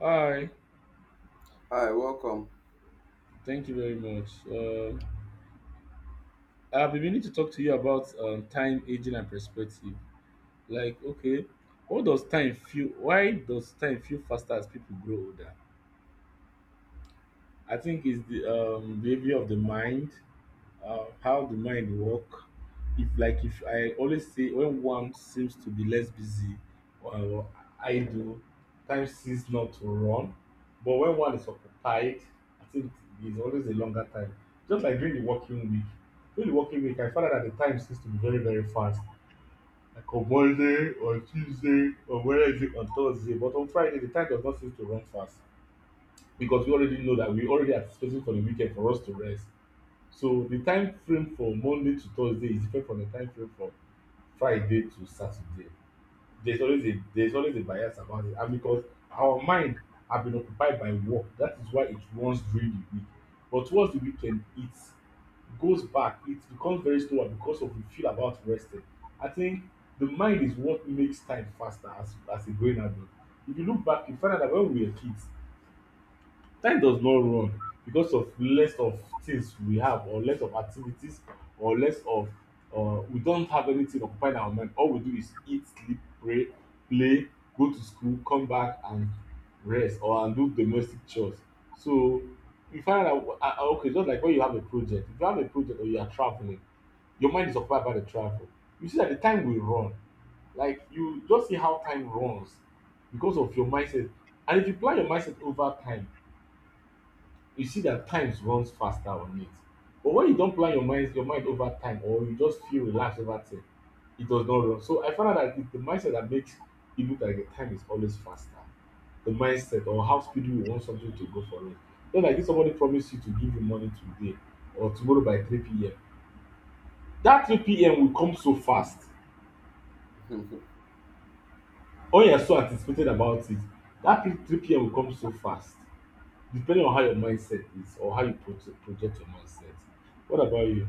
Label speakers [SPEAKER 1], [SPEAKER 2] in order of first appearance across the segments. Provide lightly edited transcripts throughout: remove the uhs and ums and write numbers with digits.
[SPEAKER 1] Hi,
[SPEAKER 2] Hi, welcome.
[SPEAKER 1] thank you very much. I've been meaning to talk to you about time, aging, and perspective. Like, okay, what does time feel? Why does time feel faster as people grow older? I think it's the behavior of the mind, how the mind work. If I always say, when one seems to be less busy or idle, time seems not to run, but when one is occupied, I think it's always a longer time. Just like during the working week during the working week I found out that the time seems to be very very fast, like on monday, on tuesday, on wednesday, on thursday, but on friday the time does not seem to run fast, because we already know that we already anticipating for the weekend for us to rest. So the time frame for Monday to Thursday is different from the time frame from Friday to Saturday. There's always a bias about it, and because our mind have been occupied by work, that is why it runs during the week. But towards the weekend, it goes back. It becomes very slower because of we feel about resting. I think the mind is what makes time faster as a growing adult. If you look back, you find out that when we were kids, time does not run because of less of things we have or less of activities or less of we don't have anything occupying our mind. All we do is eat, sleep, pray, play, go to school, come back and rest, or and do domestic chores. So you find out, okay, just like when you have a project, if you have a project or you are traveling, your mind is occupied by the travel. You see that the time will run. Like, you just see how time runs because of your mindset. And if you plan your mindset over time, you see that time runs faster on it. But when you don't plan your mind over time, or you just feel relaxed over thing, it does not run. So I found out that it's the mindset that makes it look like the time is always faster. The mindset, or how speedy we want something to go for it. Just like if somebody promise you to give you money today or tomorrow by 3 p.m. That 3 p.m. will come so fast. When you're so anticipated about it, that 3 p.m. will come so fast. Depending on how your mindset is or how you project your mindset. What about you?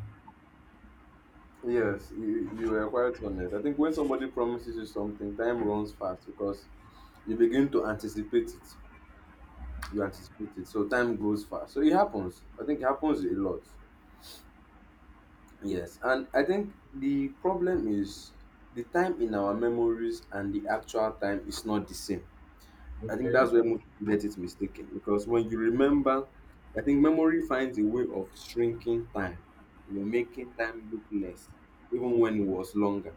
[SPEAKER 2] Yes, you were quite honest. I think when somebody promises you something, time runs fast because you begin to anticipate it. You anticipate it. So time goes fast. So it happens. I think it happens a lot. Yes. And I think the problem is the time in our memories and the actual time is not the same. I think
[SPEAKER 1] Okay.
[SPEAKER 2] that's where most people get it mistaken because when you remember, I think memory finds a way of shrinking time, you know, making time look less, even when it was longer.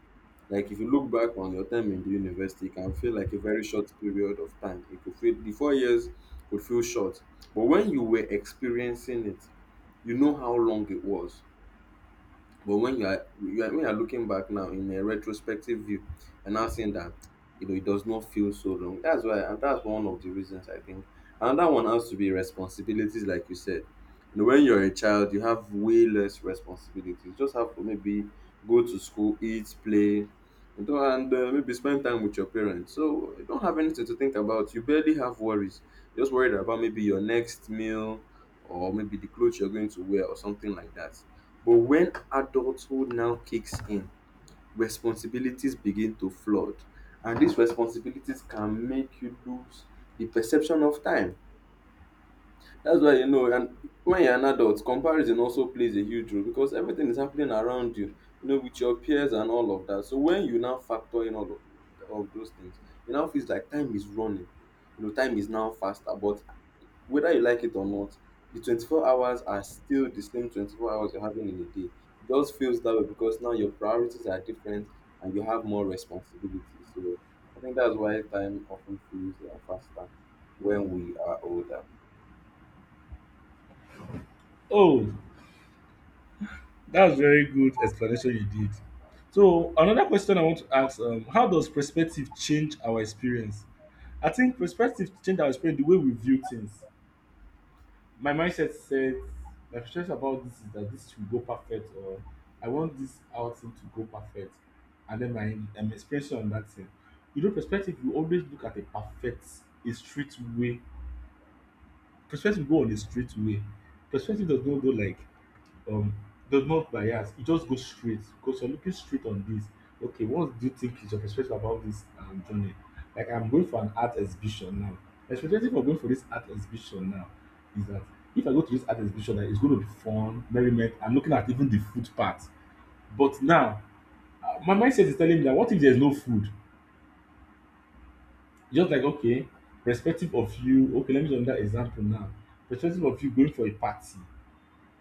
[SPEAKER 2] Like if you look back on your time in the university, it can feel like a very short period of time. It could feel the 4 years could feel short, but when you were experiencing it, you know how long it was. But when you are looking back now in a retrospective view, and now seeing that you know it does not feel so long. That's why, and that's one of the reasons I think. Another one has to be responsibilities, like you said. You know, when you're a child, you have way less responsibilities. You just have to maybe go to school, eat, play, you know, and maybe spend time with your parents. So you don't have anything to think about. You barely have worries. You're just worried about maybe your next meal or maybe the clothes you're going to wear or something like that. But when adulthood now kicks in, responsibilities begin to flood. And these responsibilities can make you lose the perception of time. That's why you know, and when you're an adult, comparison also plays a huge role because everything is happening around you, you know, with your peers and all of that. So when you now factor in all of those things, it now feels like time is running. You know, time is now faster, but whether you like it or not, the 24 hours are still the same 24 hours you're having in a day. It just feels that way because now your priorities are different and you have more responsibilities. So I think that's why time often feels faster when we are older.
[SPEAKER 1] Oh, that's very good explanation you did. So another question I want to ask, how does perspective change our experience? I think perspective change our experience the way we view things. My mindset said, my perspective about this is that this should go perfect, or I want this outing to go perfect, and then my expression on that thing. You know, perspective, you always look at a perfect, a straight way. Perspective go on a straight way. Perspective does not go like, um does not bias, it just goes straight because you're looking straight on this. Okay, what do you think is your perspective about this journey? Like, I'm going for an art exhibition now. My perspective of going for this art exhibition now is that if I go to this art exhibition, that it's going to be fun, merriment, I'm looking at even the food part. But now, my mindset is telling me, that what if there's no food? Just like, okay, perspective of you, okay, let me use another example now. Perspective of you going for a party,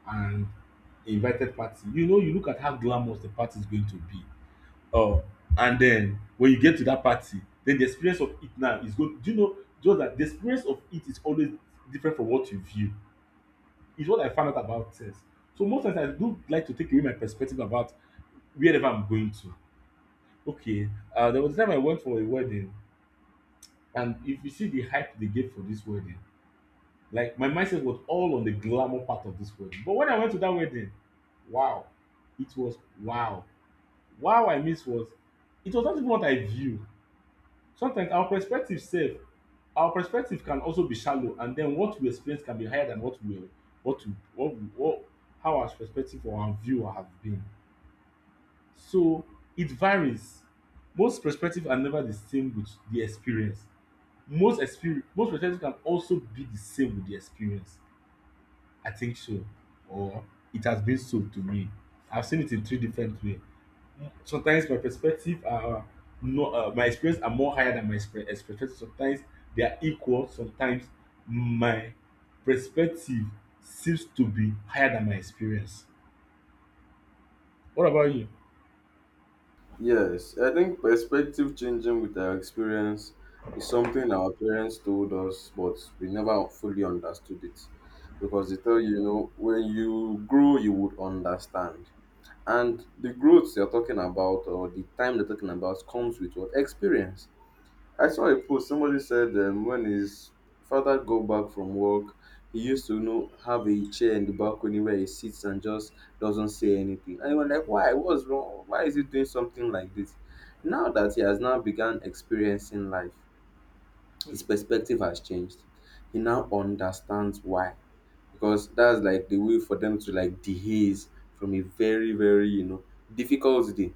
[SPEAKER 1] and a invited party, you know, you look at how glamorous the party is going to be, um and then when you get to that party, then the experience of it now is going, do you know, just that the experience of it is always different from what you view, is what I found out about things. So most times I do like to take away my perspective about wherever I'm going to. Okay, there was a time I went for a wedding, and if you see the hype they gave for this wedding. Like, my mindset was all on the glamour part of this wedding. But when I went to that wedding, wow, it was, wow. Wow, I miss, was, it was not even what I view. Sometimes our perspective self, our perspective can also be shallow, and then what we experience can be higher than what we, what how our perspective or our view have been. So it varies. Most perspectives are never the same with the experience. Most experience, most perspectives can also be the same with the experience. I think so, or it has been so to me. I've seen it in three different ways. Sometimes my perspective are no, my experience are more higher than my expectations. Sometimes they are equal. Sometimes my perspective seems to be higher than my experience. What about you?
[SPEAKER 2] Yes, I think perspective changing with our experience is something our parents told us, but we never fully understood it. Because they tell you, you know, when you grow, you would understand. And the growth you're talking about, or the time they're talking about, comes with what experience. I saw a post. Somebody said when his father go back from work, he used to you know have a chair in the balcony where he sits and just doesn't say anything. And you were like, why? What's wrong? Why is he doing something like this? Now that he has now begun experiencing life, his perspective has changed. He now understands why because that's like the way for them to like dehaze from a very very you know difficult day.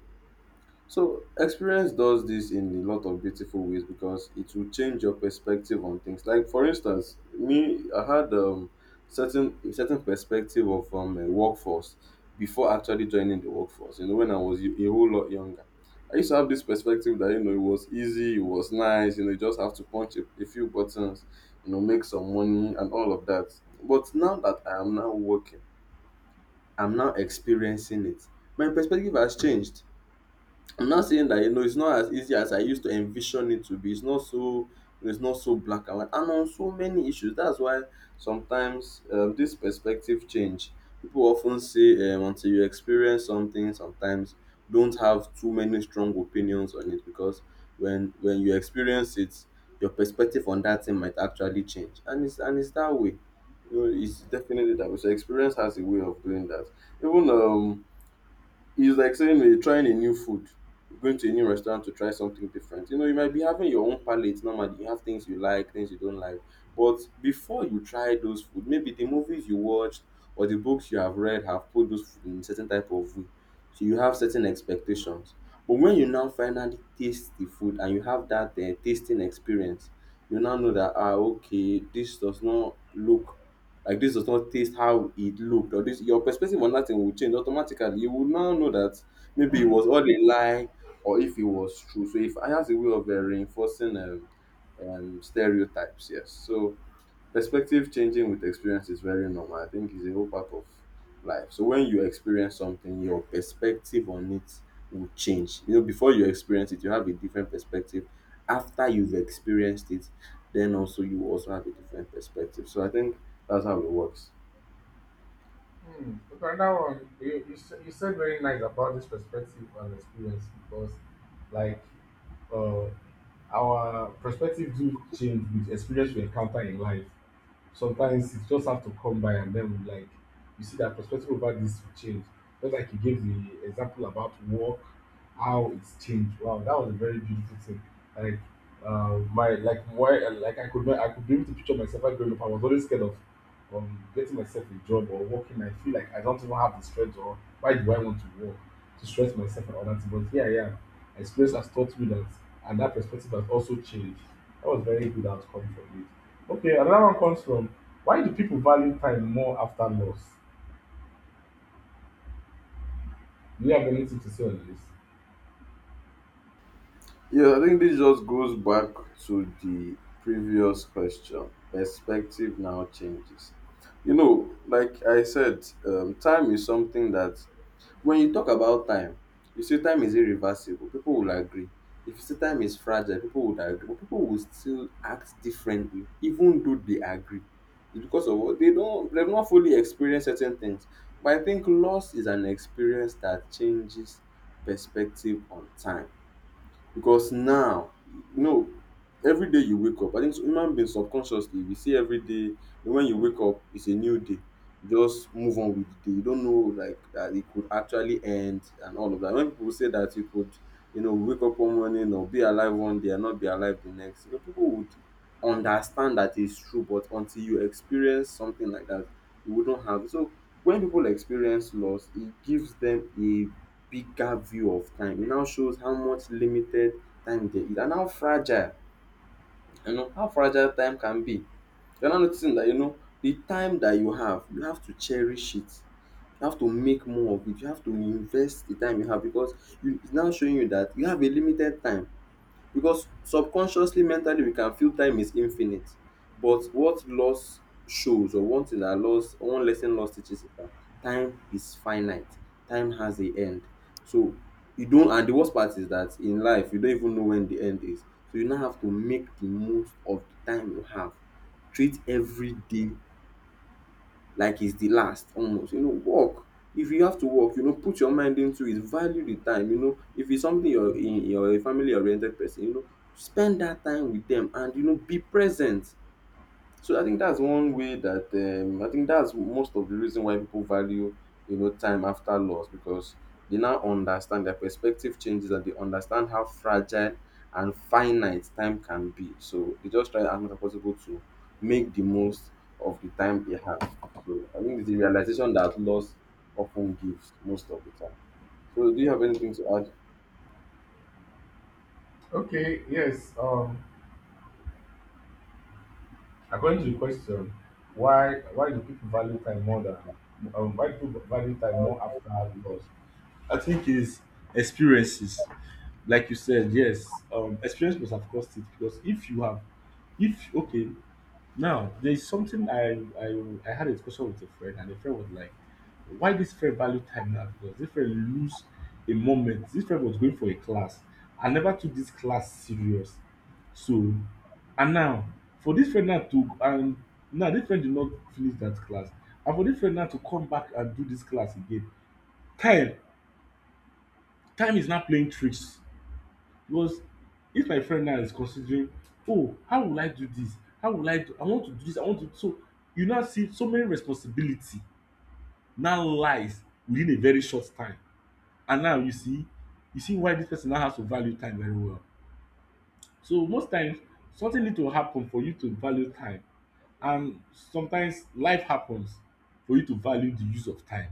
[SPEAKER 2] So experience does this in a lot of beautiful ways because it will change your perspective on things. Like for instance, me, I had certain a certain perspective of a workforce before actually joining the workforce. You know, when I was a whole lot younger, I used to have this perspective that you know it was easy, it was nice. You know, you just have to punch a few buttons, you know, make some money and all of that. But now that I am now working, I'm now experiencing it. My perspective has changed. I'm not saying that you know it's not as easy as I used to envision it to be. It's not so black and white, and on so many issues. That's why sometimes this perspective change. People often say until you experience something, sometimes don't have too many strong opinions on it because when you experience it, your perspective on that thing might actually change, and it's that way. You know, it's definitely that way. So experience has a way of doing that. Even it's like saying you're trying a new food. You're going to a new restaurant to try something different. You know, you might be having your own palate normally. You have things you like, things you don't like. But before you try those food, maybe the movies you watched or the books you have read have put those food in certain type of way. So you have certain expectations. But when you now finally taste the food and you have that tasting experience, you now know that ah okay, this does not look like this does not taste how it looked, or this your perspective on that thing will change automatically. You will now know that maybe it was all a lie or if it was true. So if I has a way of reinforcing stereotypes, yes. So perspective changing with experience is very normal. I think it's a whole part of life. So when you experience something, your perspective on it will change. You know, before you experience it, you have a different perspective. After you've experienced it, then also you also have a different perspective. So I think that's how it works.
[SPEAKER 1] Hmm. Okay, that one you said very nice about this perspective and experience because, like, uh, our perspective do change with experience we encounter in life. Sometimes you just have to come by and then like you see that perspective about this will change. Just like you gave the example about work, how it's changed. Wow, that was a very beautiful thing. Like, my, like, why, like, I could not, I could be able to picture myself like growing up. I was always scared of, getting myself a job or working. I feel like I don't even have the strength, or why do I want to work to stress myself and all that. But here I am. Experience has taught me that, and that perspective has also changed. That was very good outcome for me. Okay, another one comes from, why do people value time more after loss? Do you have anything to say on this?
[SPEAKER 2] Yeah, I think this just goes back to the previous question. Perspective now changes. You know, like I said, time is something that when you talk about time, you say time is irreversible. People will agree. If you say time is fragile, people would agree. But people will still act differently, even though they agree. It's because of what they've not fully experienced certain things. But I think loss is an experience that changes perspective on time because now, you know, every day you wake up, I think human beings subconsciously, we see every day when you wake up, it's a new day. Just move on with the day. You don't know like that it could actually end and all of that. When people say that you could, you know, wake up one morning or be alive one day and not be alive the next, you know, people would understand that it's true, but until you experience something like that, you wouldn't have. So when people experience loss, it gives them a bigger view of time. It now shows how much limited time there is and how fragile you know how fragile time can be. You're now noticing that you know the time that you have to cherish it. You have to make more of it. You have to invest the time you have because you it's now showing you that you have a limited time because subconsciously mentally we can feel time is infinite, but what loss shows, or one thing that loss, one lesson loss teaches is that time is finite, time has a end. So you don't, and the worst part is that in life you don't even know when the end is. So you now have to make the most of the time you have, treat every day like it's the last almost. You know work, if you have to work, you know put your mind into it, value the time. You know if it's something you're a family oriented person, you know spend that time with them and you know be present. So I think that's one way that I think that's most of the reason why people value you know time after loss because they now understand their perspective changes and they understand how fragile and finite time can be. So they just try as much as possible to make the most of the time they have. So I think it's the realization that loss often gives most of the time. So do you have anything to add?
[SPEAKER 1] Okay, yes. According to the question, why do people value time more than, why do people value time more after loss? I think is experiences. Like you said, yes, experience must have caused it because if you have, if okay, now, there's something I, I I had a discussion with a friend, and the friend was like, "Why this friend value time now? Because this friend lose a moment. This friend was going for a class. I never took this class serious." So, and now, for this friend now to, and now this friend did not finish that class, and for this friend now to come back and do this class again, time time is not playing tricks. Because if my friend now is considering, "Oh, how will I do this? How will I do, I want to do this, I want to," so you now see so many responsibility now lies within a very short time. And now you see, you see why dis person now has to value time very well. So most times something need to happen for you to value time, and sometimes life happens for you to value the use of time.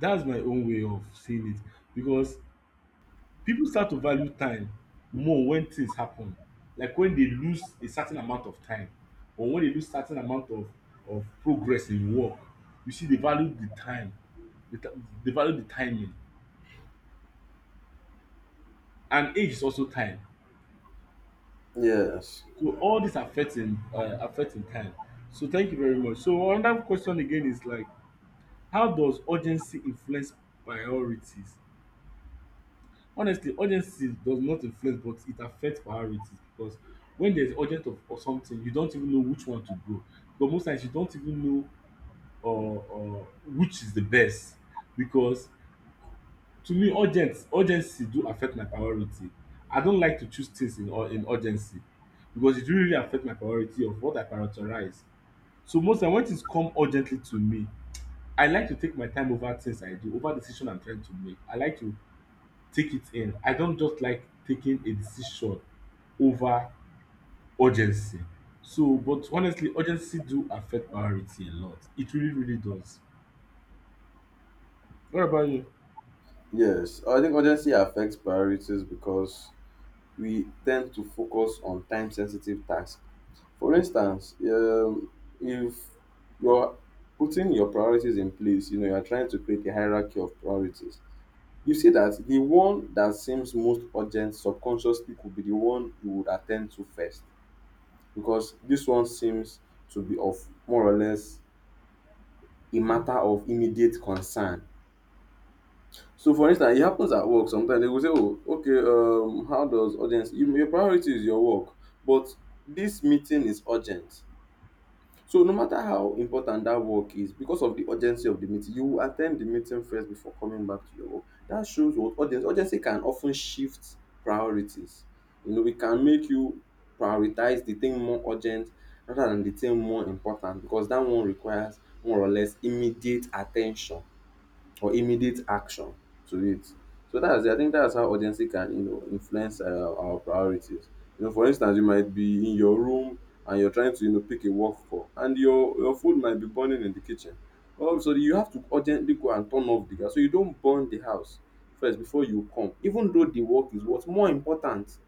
[SPEAKER 1] That's my own way of seeing it, because people start to value time more when things happen, like when they lose a certain amount of time, or when they lose certain amount of progress in work. You see, they value the time, the ti- they value the timing, and age is also time.
[SPEAKER 2] Yes.
[SPEAKER 1] So all this affecting affecting time. So thank you very much. So another question again is like, how does urgency influence priorities? Honestly, urgency does not influence, but it affects priorities because when there's urgent of something, you don't even know which one to go. But most times, you don't even know, or which is the best, because to me, urgent urgency do affect my priority. I don't like to choose things in in urgency because it really affect my priority of what I prioritize. So most times, when things come urgently to me, I like to take my time over things I do, over decision I'm trying to make. I like to take it in. I don't just like taking a decision over urgency. So, but honestly, urgency do affect priority a lot. It really, really does. What about you?
[SPEAKER 2] Yes. I think urgency affects priorities because we tend to focus on time sensitive tasks. For instance, if you're putting your priorities in place, you know, you're trying to create a hierarchy of priorities, you see that the one that seems most urgent subconsciously could be the one you would attend to first because this one seems to be of more or less a matter of immediate concern. So for instance, it happens at work. Sometimes they will say oh okay how does urgency, your priority is your work, but this meeting is urgent. So no matter how important that work is, because of the urgency of the meeting you will at ten d the meeting first before coming back to your work. That shows what urgency, urgency can of ten shift priorities. You know it can make you prioritize the thing more urgent rather than the thing more important because that one requires more or less immediate at ten tion, or immediate action to it. So that's I think that's how urgency can influence our priorities. You know, for instance, you might be in your room and you're trying to pick a work call, and your food might be burning in the kitchen. Oh, so you have to urgently go and turn off the gas so you don't burn the house first before you come. Even though the work is what's more important,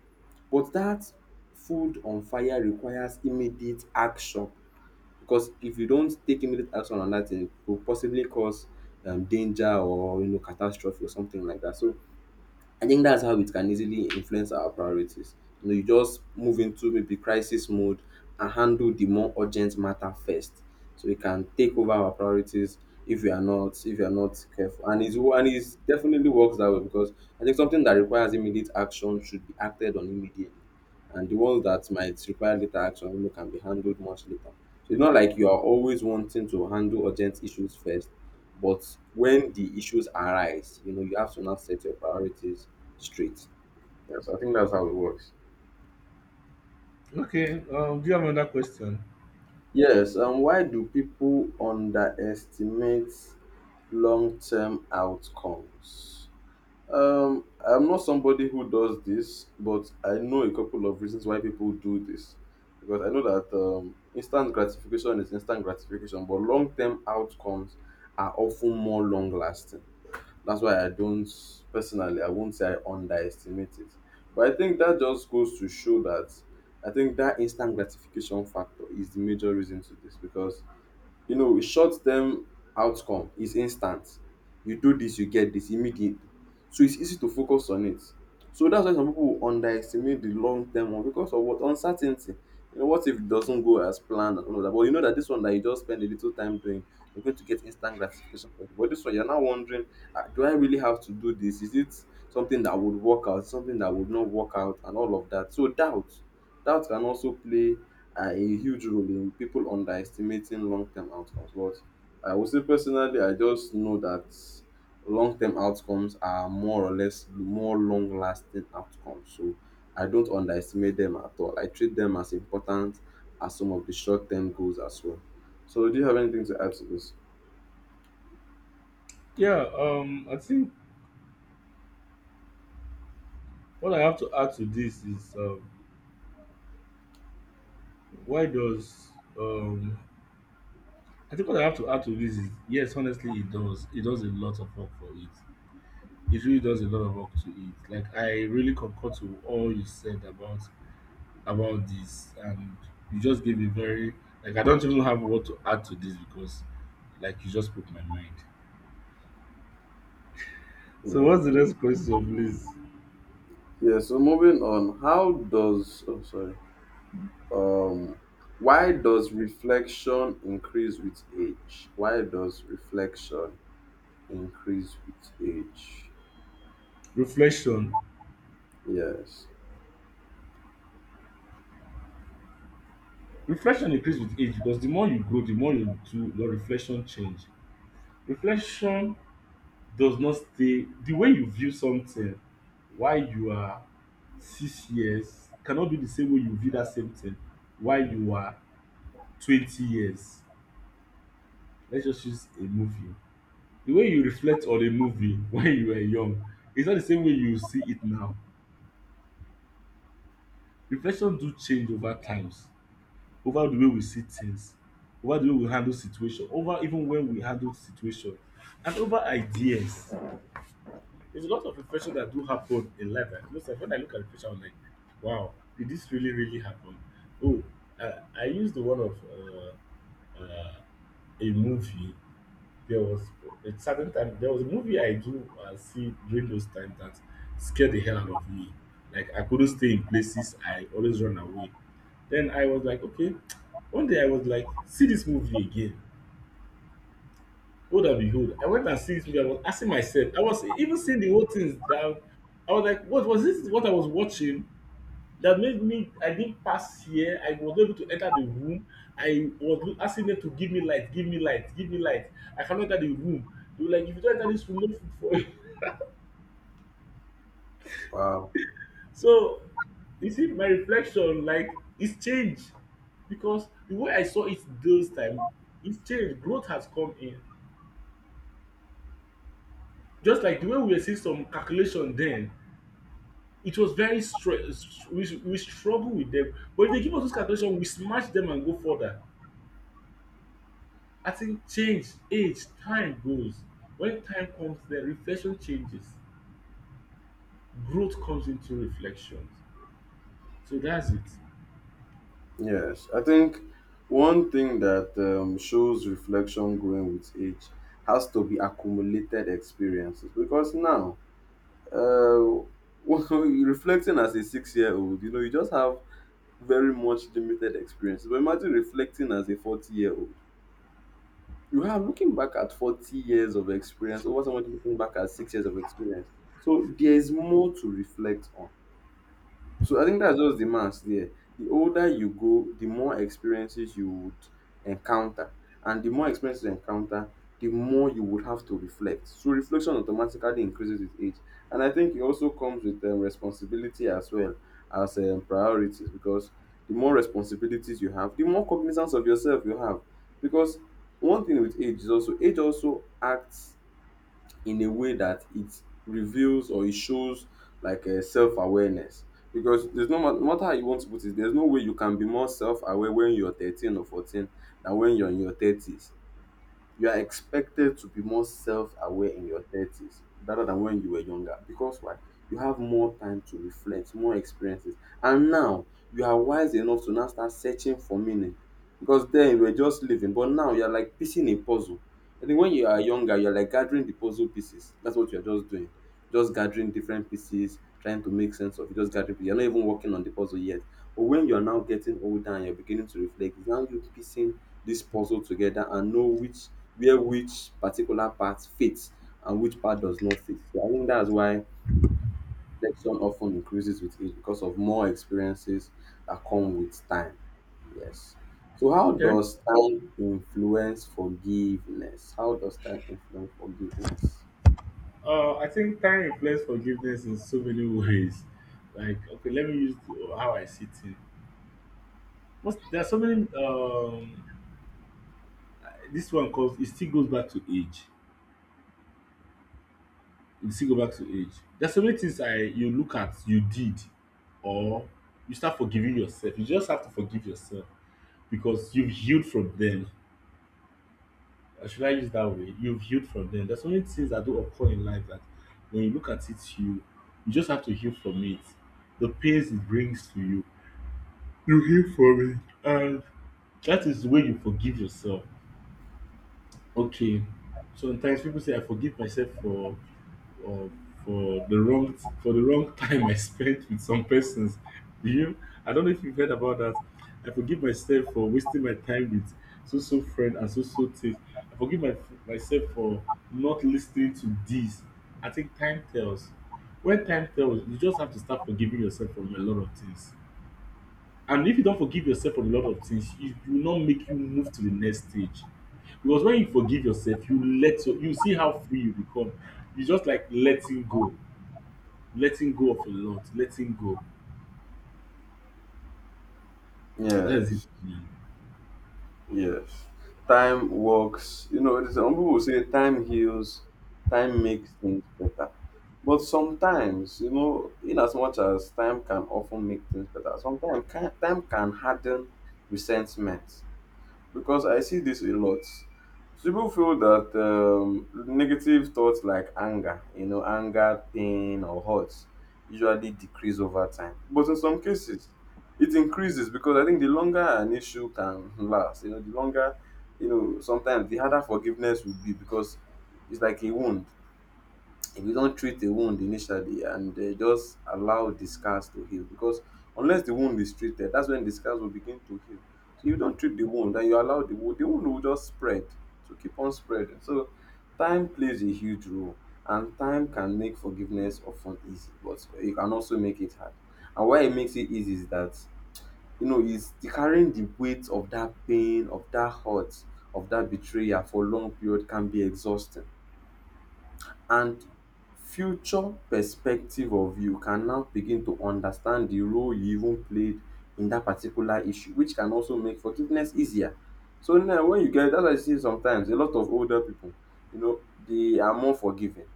[SPEAKER 2] but that food on fire requires immediate action, because if you don't take immediate action on that thing, it could possibly cause danger or catastrophe or something like that. So I think that's how it can easily influence our priorities. You know, you just move into maybe crisis mode and handle the more urgent matter first, so we can take over our priorities if you are not careful. And it's definitely works that way because I think something that requires immediate action should be acted on immediately, and the ones that might require later action, you know, can be handled much later. So it's not like you are always wanting to handle urgent issues first, but when the issues arise, you know, you have to now set your priorities straight. Yes, I think that's how it works.
[SPEAKER 1] Okay. Do you have another question?
[SPEAKER 2] Yes, and why do people underestimate long-term outcomes? I'm not somebody who does this, but I know a couple of reasons why people do this. Because I know that instant gratification is instant gratification, but long-term outcomes are often more long-lasting. That's why I don't, personally, I won't say I underestimate it. But I think that just goes to show that I think that instant gratification factor is the major reason to this because, you know, short-term outcome is instant. You do this, you get this immediately. So it's easy to focus on it. So that's why some people underestimate the long-term one because of what, uncertainty. You know, what if it doesn't go as planned and all of that? But you know that this one that you just spend a little time doing, you're going to get instant gratification for it. But this one, you're now wondering, ah, do I really have to do this? Is it something that would work out? Something that would not work out, and all of that. So doubt can also play are a huge role in people underestimating long-term outcomes. But I would say personally, I just know that long-term outcomes are more or less more long-lasting outcomes. So I don't underestimate them at all. I treat them as important as some of the short-term goals as well. So do you have anything to add to this?
[SPEAKER 1] Yeah. I think what I have to add to this is why does um, I think what I have to add to this is, yes, honestly, it does. It does a lot of work for it. It really does a lot of work to it. Like I really concur to all you said about this and you just gave a very like I don't even have what to add to this because like you just put my mind. So what's
[SPEAKER 2] Yeah.
[SPEAKER 1] the next question, please?
[SPEAKER 2] Yeah. So moving on, how does? Oh, sorry. Um, why does reflection increase with age? Why does reflection increase with age.
[SPEAKER 1] Reflection.
[SPEAKER 2] Yes.
[SPEAKER 1] Reflection increases with age because the more you grow, the more you do your reflection change. Reflection does not stay. The way you view something while you are 6 years cannot be the same way you view that same thing while you are 20 years. Let's just use a movie. The way you reflect on a movie when you were young is not the same way you see it now. Reflection do change over times, over the way we see things, over the way we handle situation, over even when we handle situation, and over ideas. There's a lot of reflection that do happen in life. Like, most of when I look at reflection, I'm like, wow, did this really really happen? Oh, I used the one of a movie. There was a certain time there was a movie I do see during those times that scared the hell out of me. Like I couldn't stay in places. I always run away. Then I was like, okay. One day I was like, see this movie again. Lo and behold, I went and see this movie. I was asking myself. I was even seeing the whole things that I was like, what was this? What I was watching? That made me, I didn't pass here, I was not able to enter the room. I was asking them to give me light, give me light, give me light. I cannot enter the room. They were like, if you don't enter this room, no food for you.
[SPEAKER 2] Wow.
[SPEAKER 1] So you see my reflection, like it's changed, because the way I saw it those time, it's changed. Growth has come in. Just like the way we were seeing some calculation then, it was very str- we struggle with them, but if they give us those calculation we smash them and go further. I think change, age, time goes. When time comes, the reflection changes. Growth comes into reflection. So that's it.
[SPEAKER 2] Yes. I think one thing that shows reflection growing with age has to be accumulated experiences because now, uh, reflecting as a 6 year old, you know, you just have very much limited experience. But imagine reflecting as a 40-year-old. You are looking back at 40 years of experience over someone looking back at 6 years of experience. So there is more to reflect on. So I think that's just the maths there. The older you go, the more experiences you would encounter. And the more experiences you encounter, the more you would have to reflect. So reflection automatically increases with age. And I think it also comes with responsibility as well as priorities, because the more responsibilities you have, the more cognizance of yourself you have. Because one thing with age is also, age also acts in a way that it reveals or it shows like a self-awareness, because there's no, no matter how you want to put it, there's no way you can be more self-aware when you're 13 or 14 than when you're in your 30s. You are expected to be more self-aware in your 30s rather than when you were younger, because why? You have more time to reflect, more experiences, and now you are wise enough to now start searching for meaning, because then you were just living, but now you are like piecing a puzzle. I think when you are younger you are like gathering the puzzle pieces. That's what you are just doing, just gathering different pieces, trying to make sense of it, just gathering pieces. You're not even working on the puzzle yet. But when you're now getting older and you're beginning to reflect, it's now you piecing this puzzle together and know which, where which particular part fits and which part does not fit. So I think that's why selection often increases with age, because of more experiences that come with time. Yes. So how
[SPEAKER 1] Okay.
[SPEAKER 2] does time influence forgiveness? How does time influence forgiveness?
[SPEAKER 1] I think time reflects forgiveness in so many ways. Like, okay, let me use the, how I see it. Most, there are so many. This one comes. It still goes back to age. It still go back to age. There's so many things I, you look at you did, or you start forgiving yourself. You just have to forgive yourself because you've healed from them. Or should I use that way? You've healed from them. There's so many things that do occur in life that when you look at it, you just have to heal from it. The pains it brings to you, you heal from it, and that is the way you forgive yourself. Okay. Sometimes people say I forgive myself for, or for the wrong, for the wrong time I spent with some persons. Do you? I don't know if you've heard about that. I forgive myself for wasting my time with so so friend and so so things. I forgive my, myself for not listening to this. I think time tells. When time tells, you just have to start forgiving yourself from a lot of things. And if you don't forgive yourself for a lot of things, it will not make you move to the next stage. Because when you forgive yourself, you see how free you become. You just like letting go of a lot, letting go. That's it,
[SPEAKER 2] Yes.
[SPEAKER 1] man.
[SPEAKER 2] Yes. Time works. You know, some people will say time heals, time makes things better. But sometimes, you know, in as much as time can often make things better, sometimes can, time can harden resentment, because I see this a lot. People feel that negative thoughts like anger, you know, anger, pain, or hurt usually decrease over time. But in some cases, it increases, because I think the longer an issue can last, you know, the longer, you know, sometimes the harder forgiveness will be, because it's like a wound. If you don't treat the wound initially and just allow the scars to heal, because unless the wound is treated, that's when the scars will begin to heal. So you don't treat the wound and you allow the wound, the wound will just spread, to keep on spreading. So time plays a huge role, and time can make forgiveness often easy, but it can also make it hard. And why it makes it easy is that, you know, is the carrying the weight of that pain, of that hurt, of that betrayal for a long period can be exhausting. And future perspective of you can now begin to understand the role you even played in that particular issue, which can also make forgiveness easier. So now when you get, that's why you see sometimes a lot of older people, you know, they are more forgiving,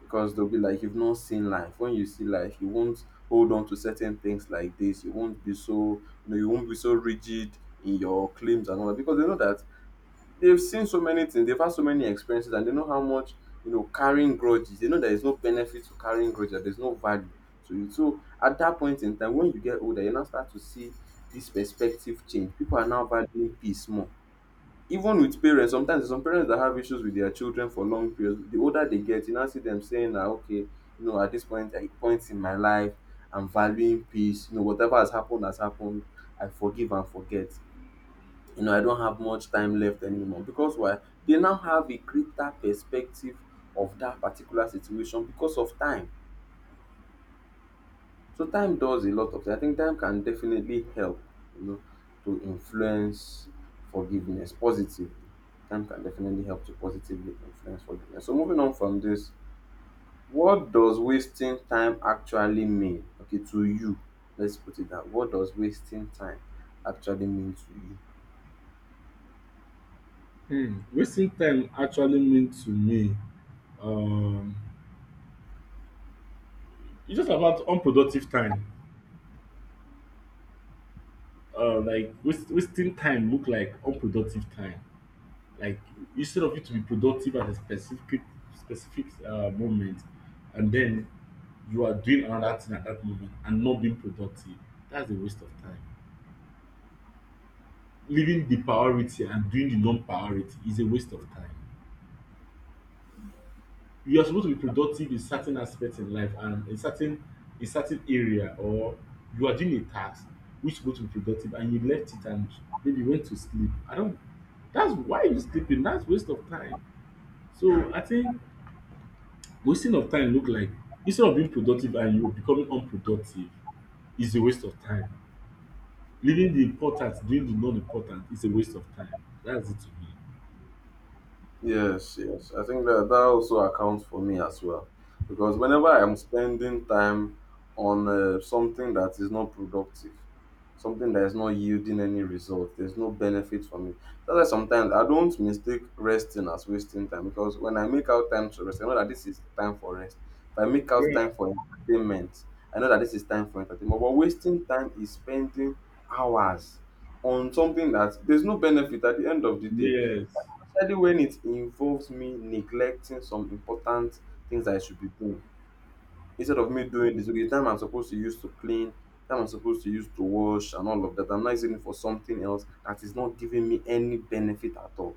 [SPEAKER 2] because they'll be like, you've not seen life. When you see life you won't hold on to certain things like this. You won't be so, you know, you won't be so rigid in your claims and all that, because they know that they've seen so many things, they've had so many experiences, and they know how much, you know, carrying grudges, they know there is no benefit to carrying grudges, that there's no value to it. So at that point in time, when you get older, you now start to see this perspective change. People are now valuing peace more. Even with parents, sometimes there's some parents that have issues with their children for long periods. The older they get, you now see them saying that, okay, you know, at this point, at points in my life, I'm valuing peace, you know, whatever has happened has happened, I forgive and forget, you know, I don't have much time left anymore. Because why? They now have a greater perspective of that particular situation because of time. So time does a lot of things. I think time can definitely help, you know, to influence forgiveness positively. Time can definitely help to positively influence forgiveness. So moving on from this, what does wasting time actually mean? Okay, to you. Let's put it that. What does wasting time actually mean to you?
[SPEAKER 1] Hmm. Wasting time actually means to me, um, it's just about unproductive time. Wasting time look like unproductive time. Like instead of you to be productive at a specific moment and then you are doing another thing at that moment and not being productive, that's a waste of time. Leaving the priority and doing the non-priority is a waste of time. You are supposed to be productive in certain aspects in life and in certain, in certain area, or you are doing a task which is supposed to be productive and you left it and maybe went to sleep, I don't, that's why you sleeping, that's waste of time. So I think wasting of time look like instead of being productive and you becoming unproductive is a waste of time. Leaving the important, doing the non-important is a waste of time. That's it to me.
[SPEAKER 2] Yes, yes. I think that that also accounts for me as well. Because whenever I'm spending time on something that is not productive, something that is not yielding any result, there's no benefit for me. That's why sometimes I don't mistake resting as wasting time, because when I make out time to rest, I know that this is time for rest. If I make out time
[SPEAKER 1] Yeah.
[SPEAKER 2] for entertainment, I know that this is time for entertainment. But wasting time is spending hours on something that there's no benefit at the end of the day,
[SPEAKER 1] Yes.
[SPEAKER 2] especially when it involves me neglecting some important things I should be doing. Instead of me doing this, okay, the time I'm supposed to use to clean, time I'm supposed to use to wash and all of that, I'm not using it for something else that is not giving me any benefit at all.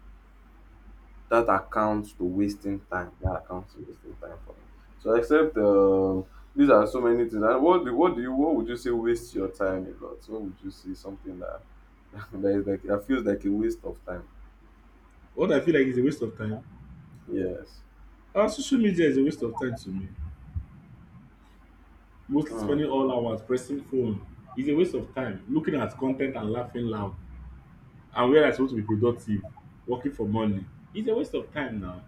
[SPEAKER 2] That accounts to wasting time. That accounts to wasting time for me. So except um, these are so many things. And what do you what would you say waste your time a lot? What would you say something that that is like that feels like a waste of time?
[SPEAKER 1] What I feel like is a waste of time.
[SPEAKER 2] Yes.
[SPEAKER 1] Our social media is a waste of time to me. Mostly
[SPEAKER 2] Mm.
[SPEAKER 1] spending all hours pressing phone is a waste of time. Looking at content and laughing loud. And where I supposed to be productive, working for money. It's a waste of time now.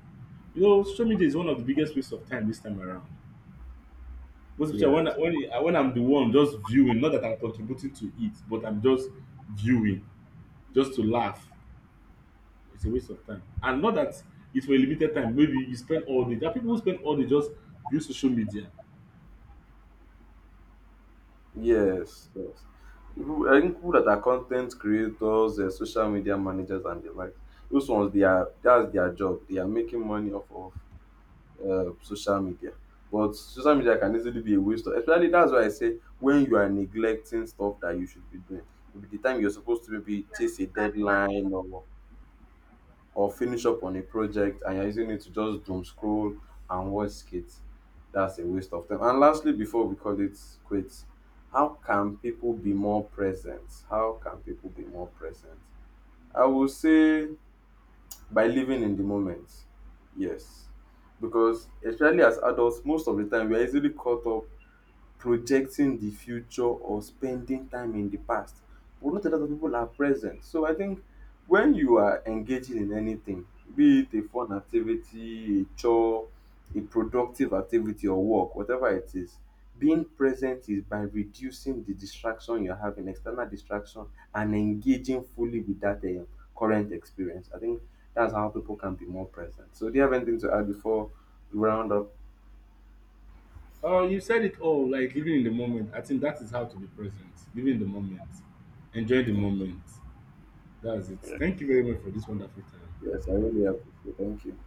[SPEAKER 1] You know, social media is one of the biggest waste of time this time around. Most especially when
[SPEAKER 2] Yes.
[SPEAKER 1] I'm the one just viewing, not that I'm contributing to it, but I'm just viewing just to laugh. It's a waste of time. And not that it's for a limited time. Maybe you spend all day. There are people who spend all day just view social media.
[SPEAKER 2] Yes, yes. People, I think people that are content creators, social media managers, and the like, those ones they are, that's their job. They are making money off of social media. But social media can easily be a waste of. Especially that's why I say when you are neglecting stuff that you should be doing. Maybe the time you're supposed to maybe chase a deadline or finish up on a project, and you're using it to just doom scroll and watch skits, that's a waste of time. And lastly, before we call it quits, how can people be more present? How can people be more present? I will say by living in the moment. Yes. Because especially as adults, most of the time we are easily caught up projecting the future or spending time in the past. But not a lot of people are present. So I think when you are engaging in anything, be it a fun activity, a chore, a productive activity or work, whatever it is, being present is by reducing the distraction you're having, external distraction, and engaging fully with that current experience. I think that's how people can be more present. So do you have anything to add before we round up?
[SPEAKER 1] Oh, you said it all, like living in the moment. I think that is how to be present. Living in the moment. Enjoy the
[SPEAKER 2] Yes,
[SPEAKER 1] moment. That's it. Thank you very much for this wonderful time.
[SPEAKER 2] yes, I really appreciate it. Thank you.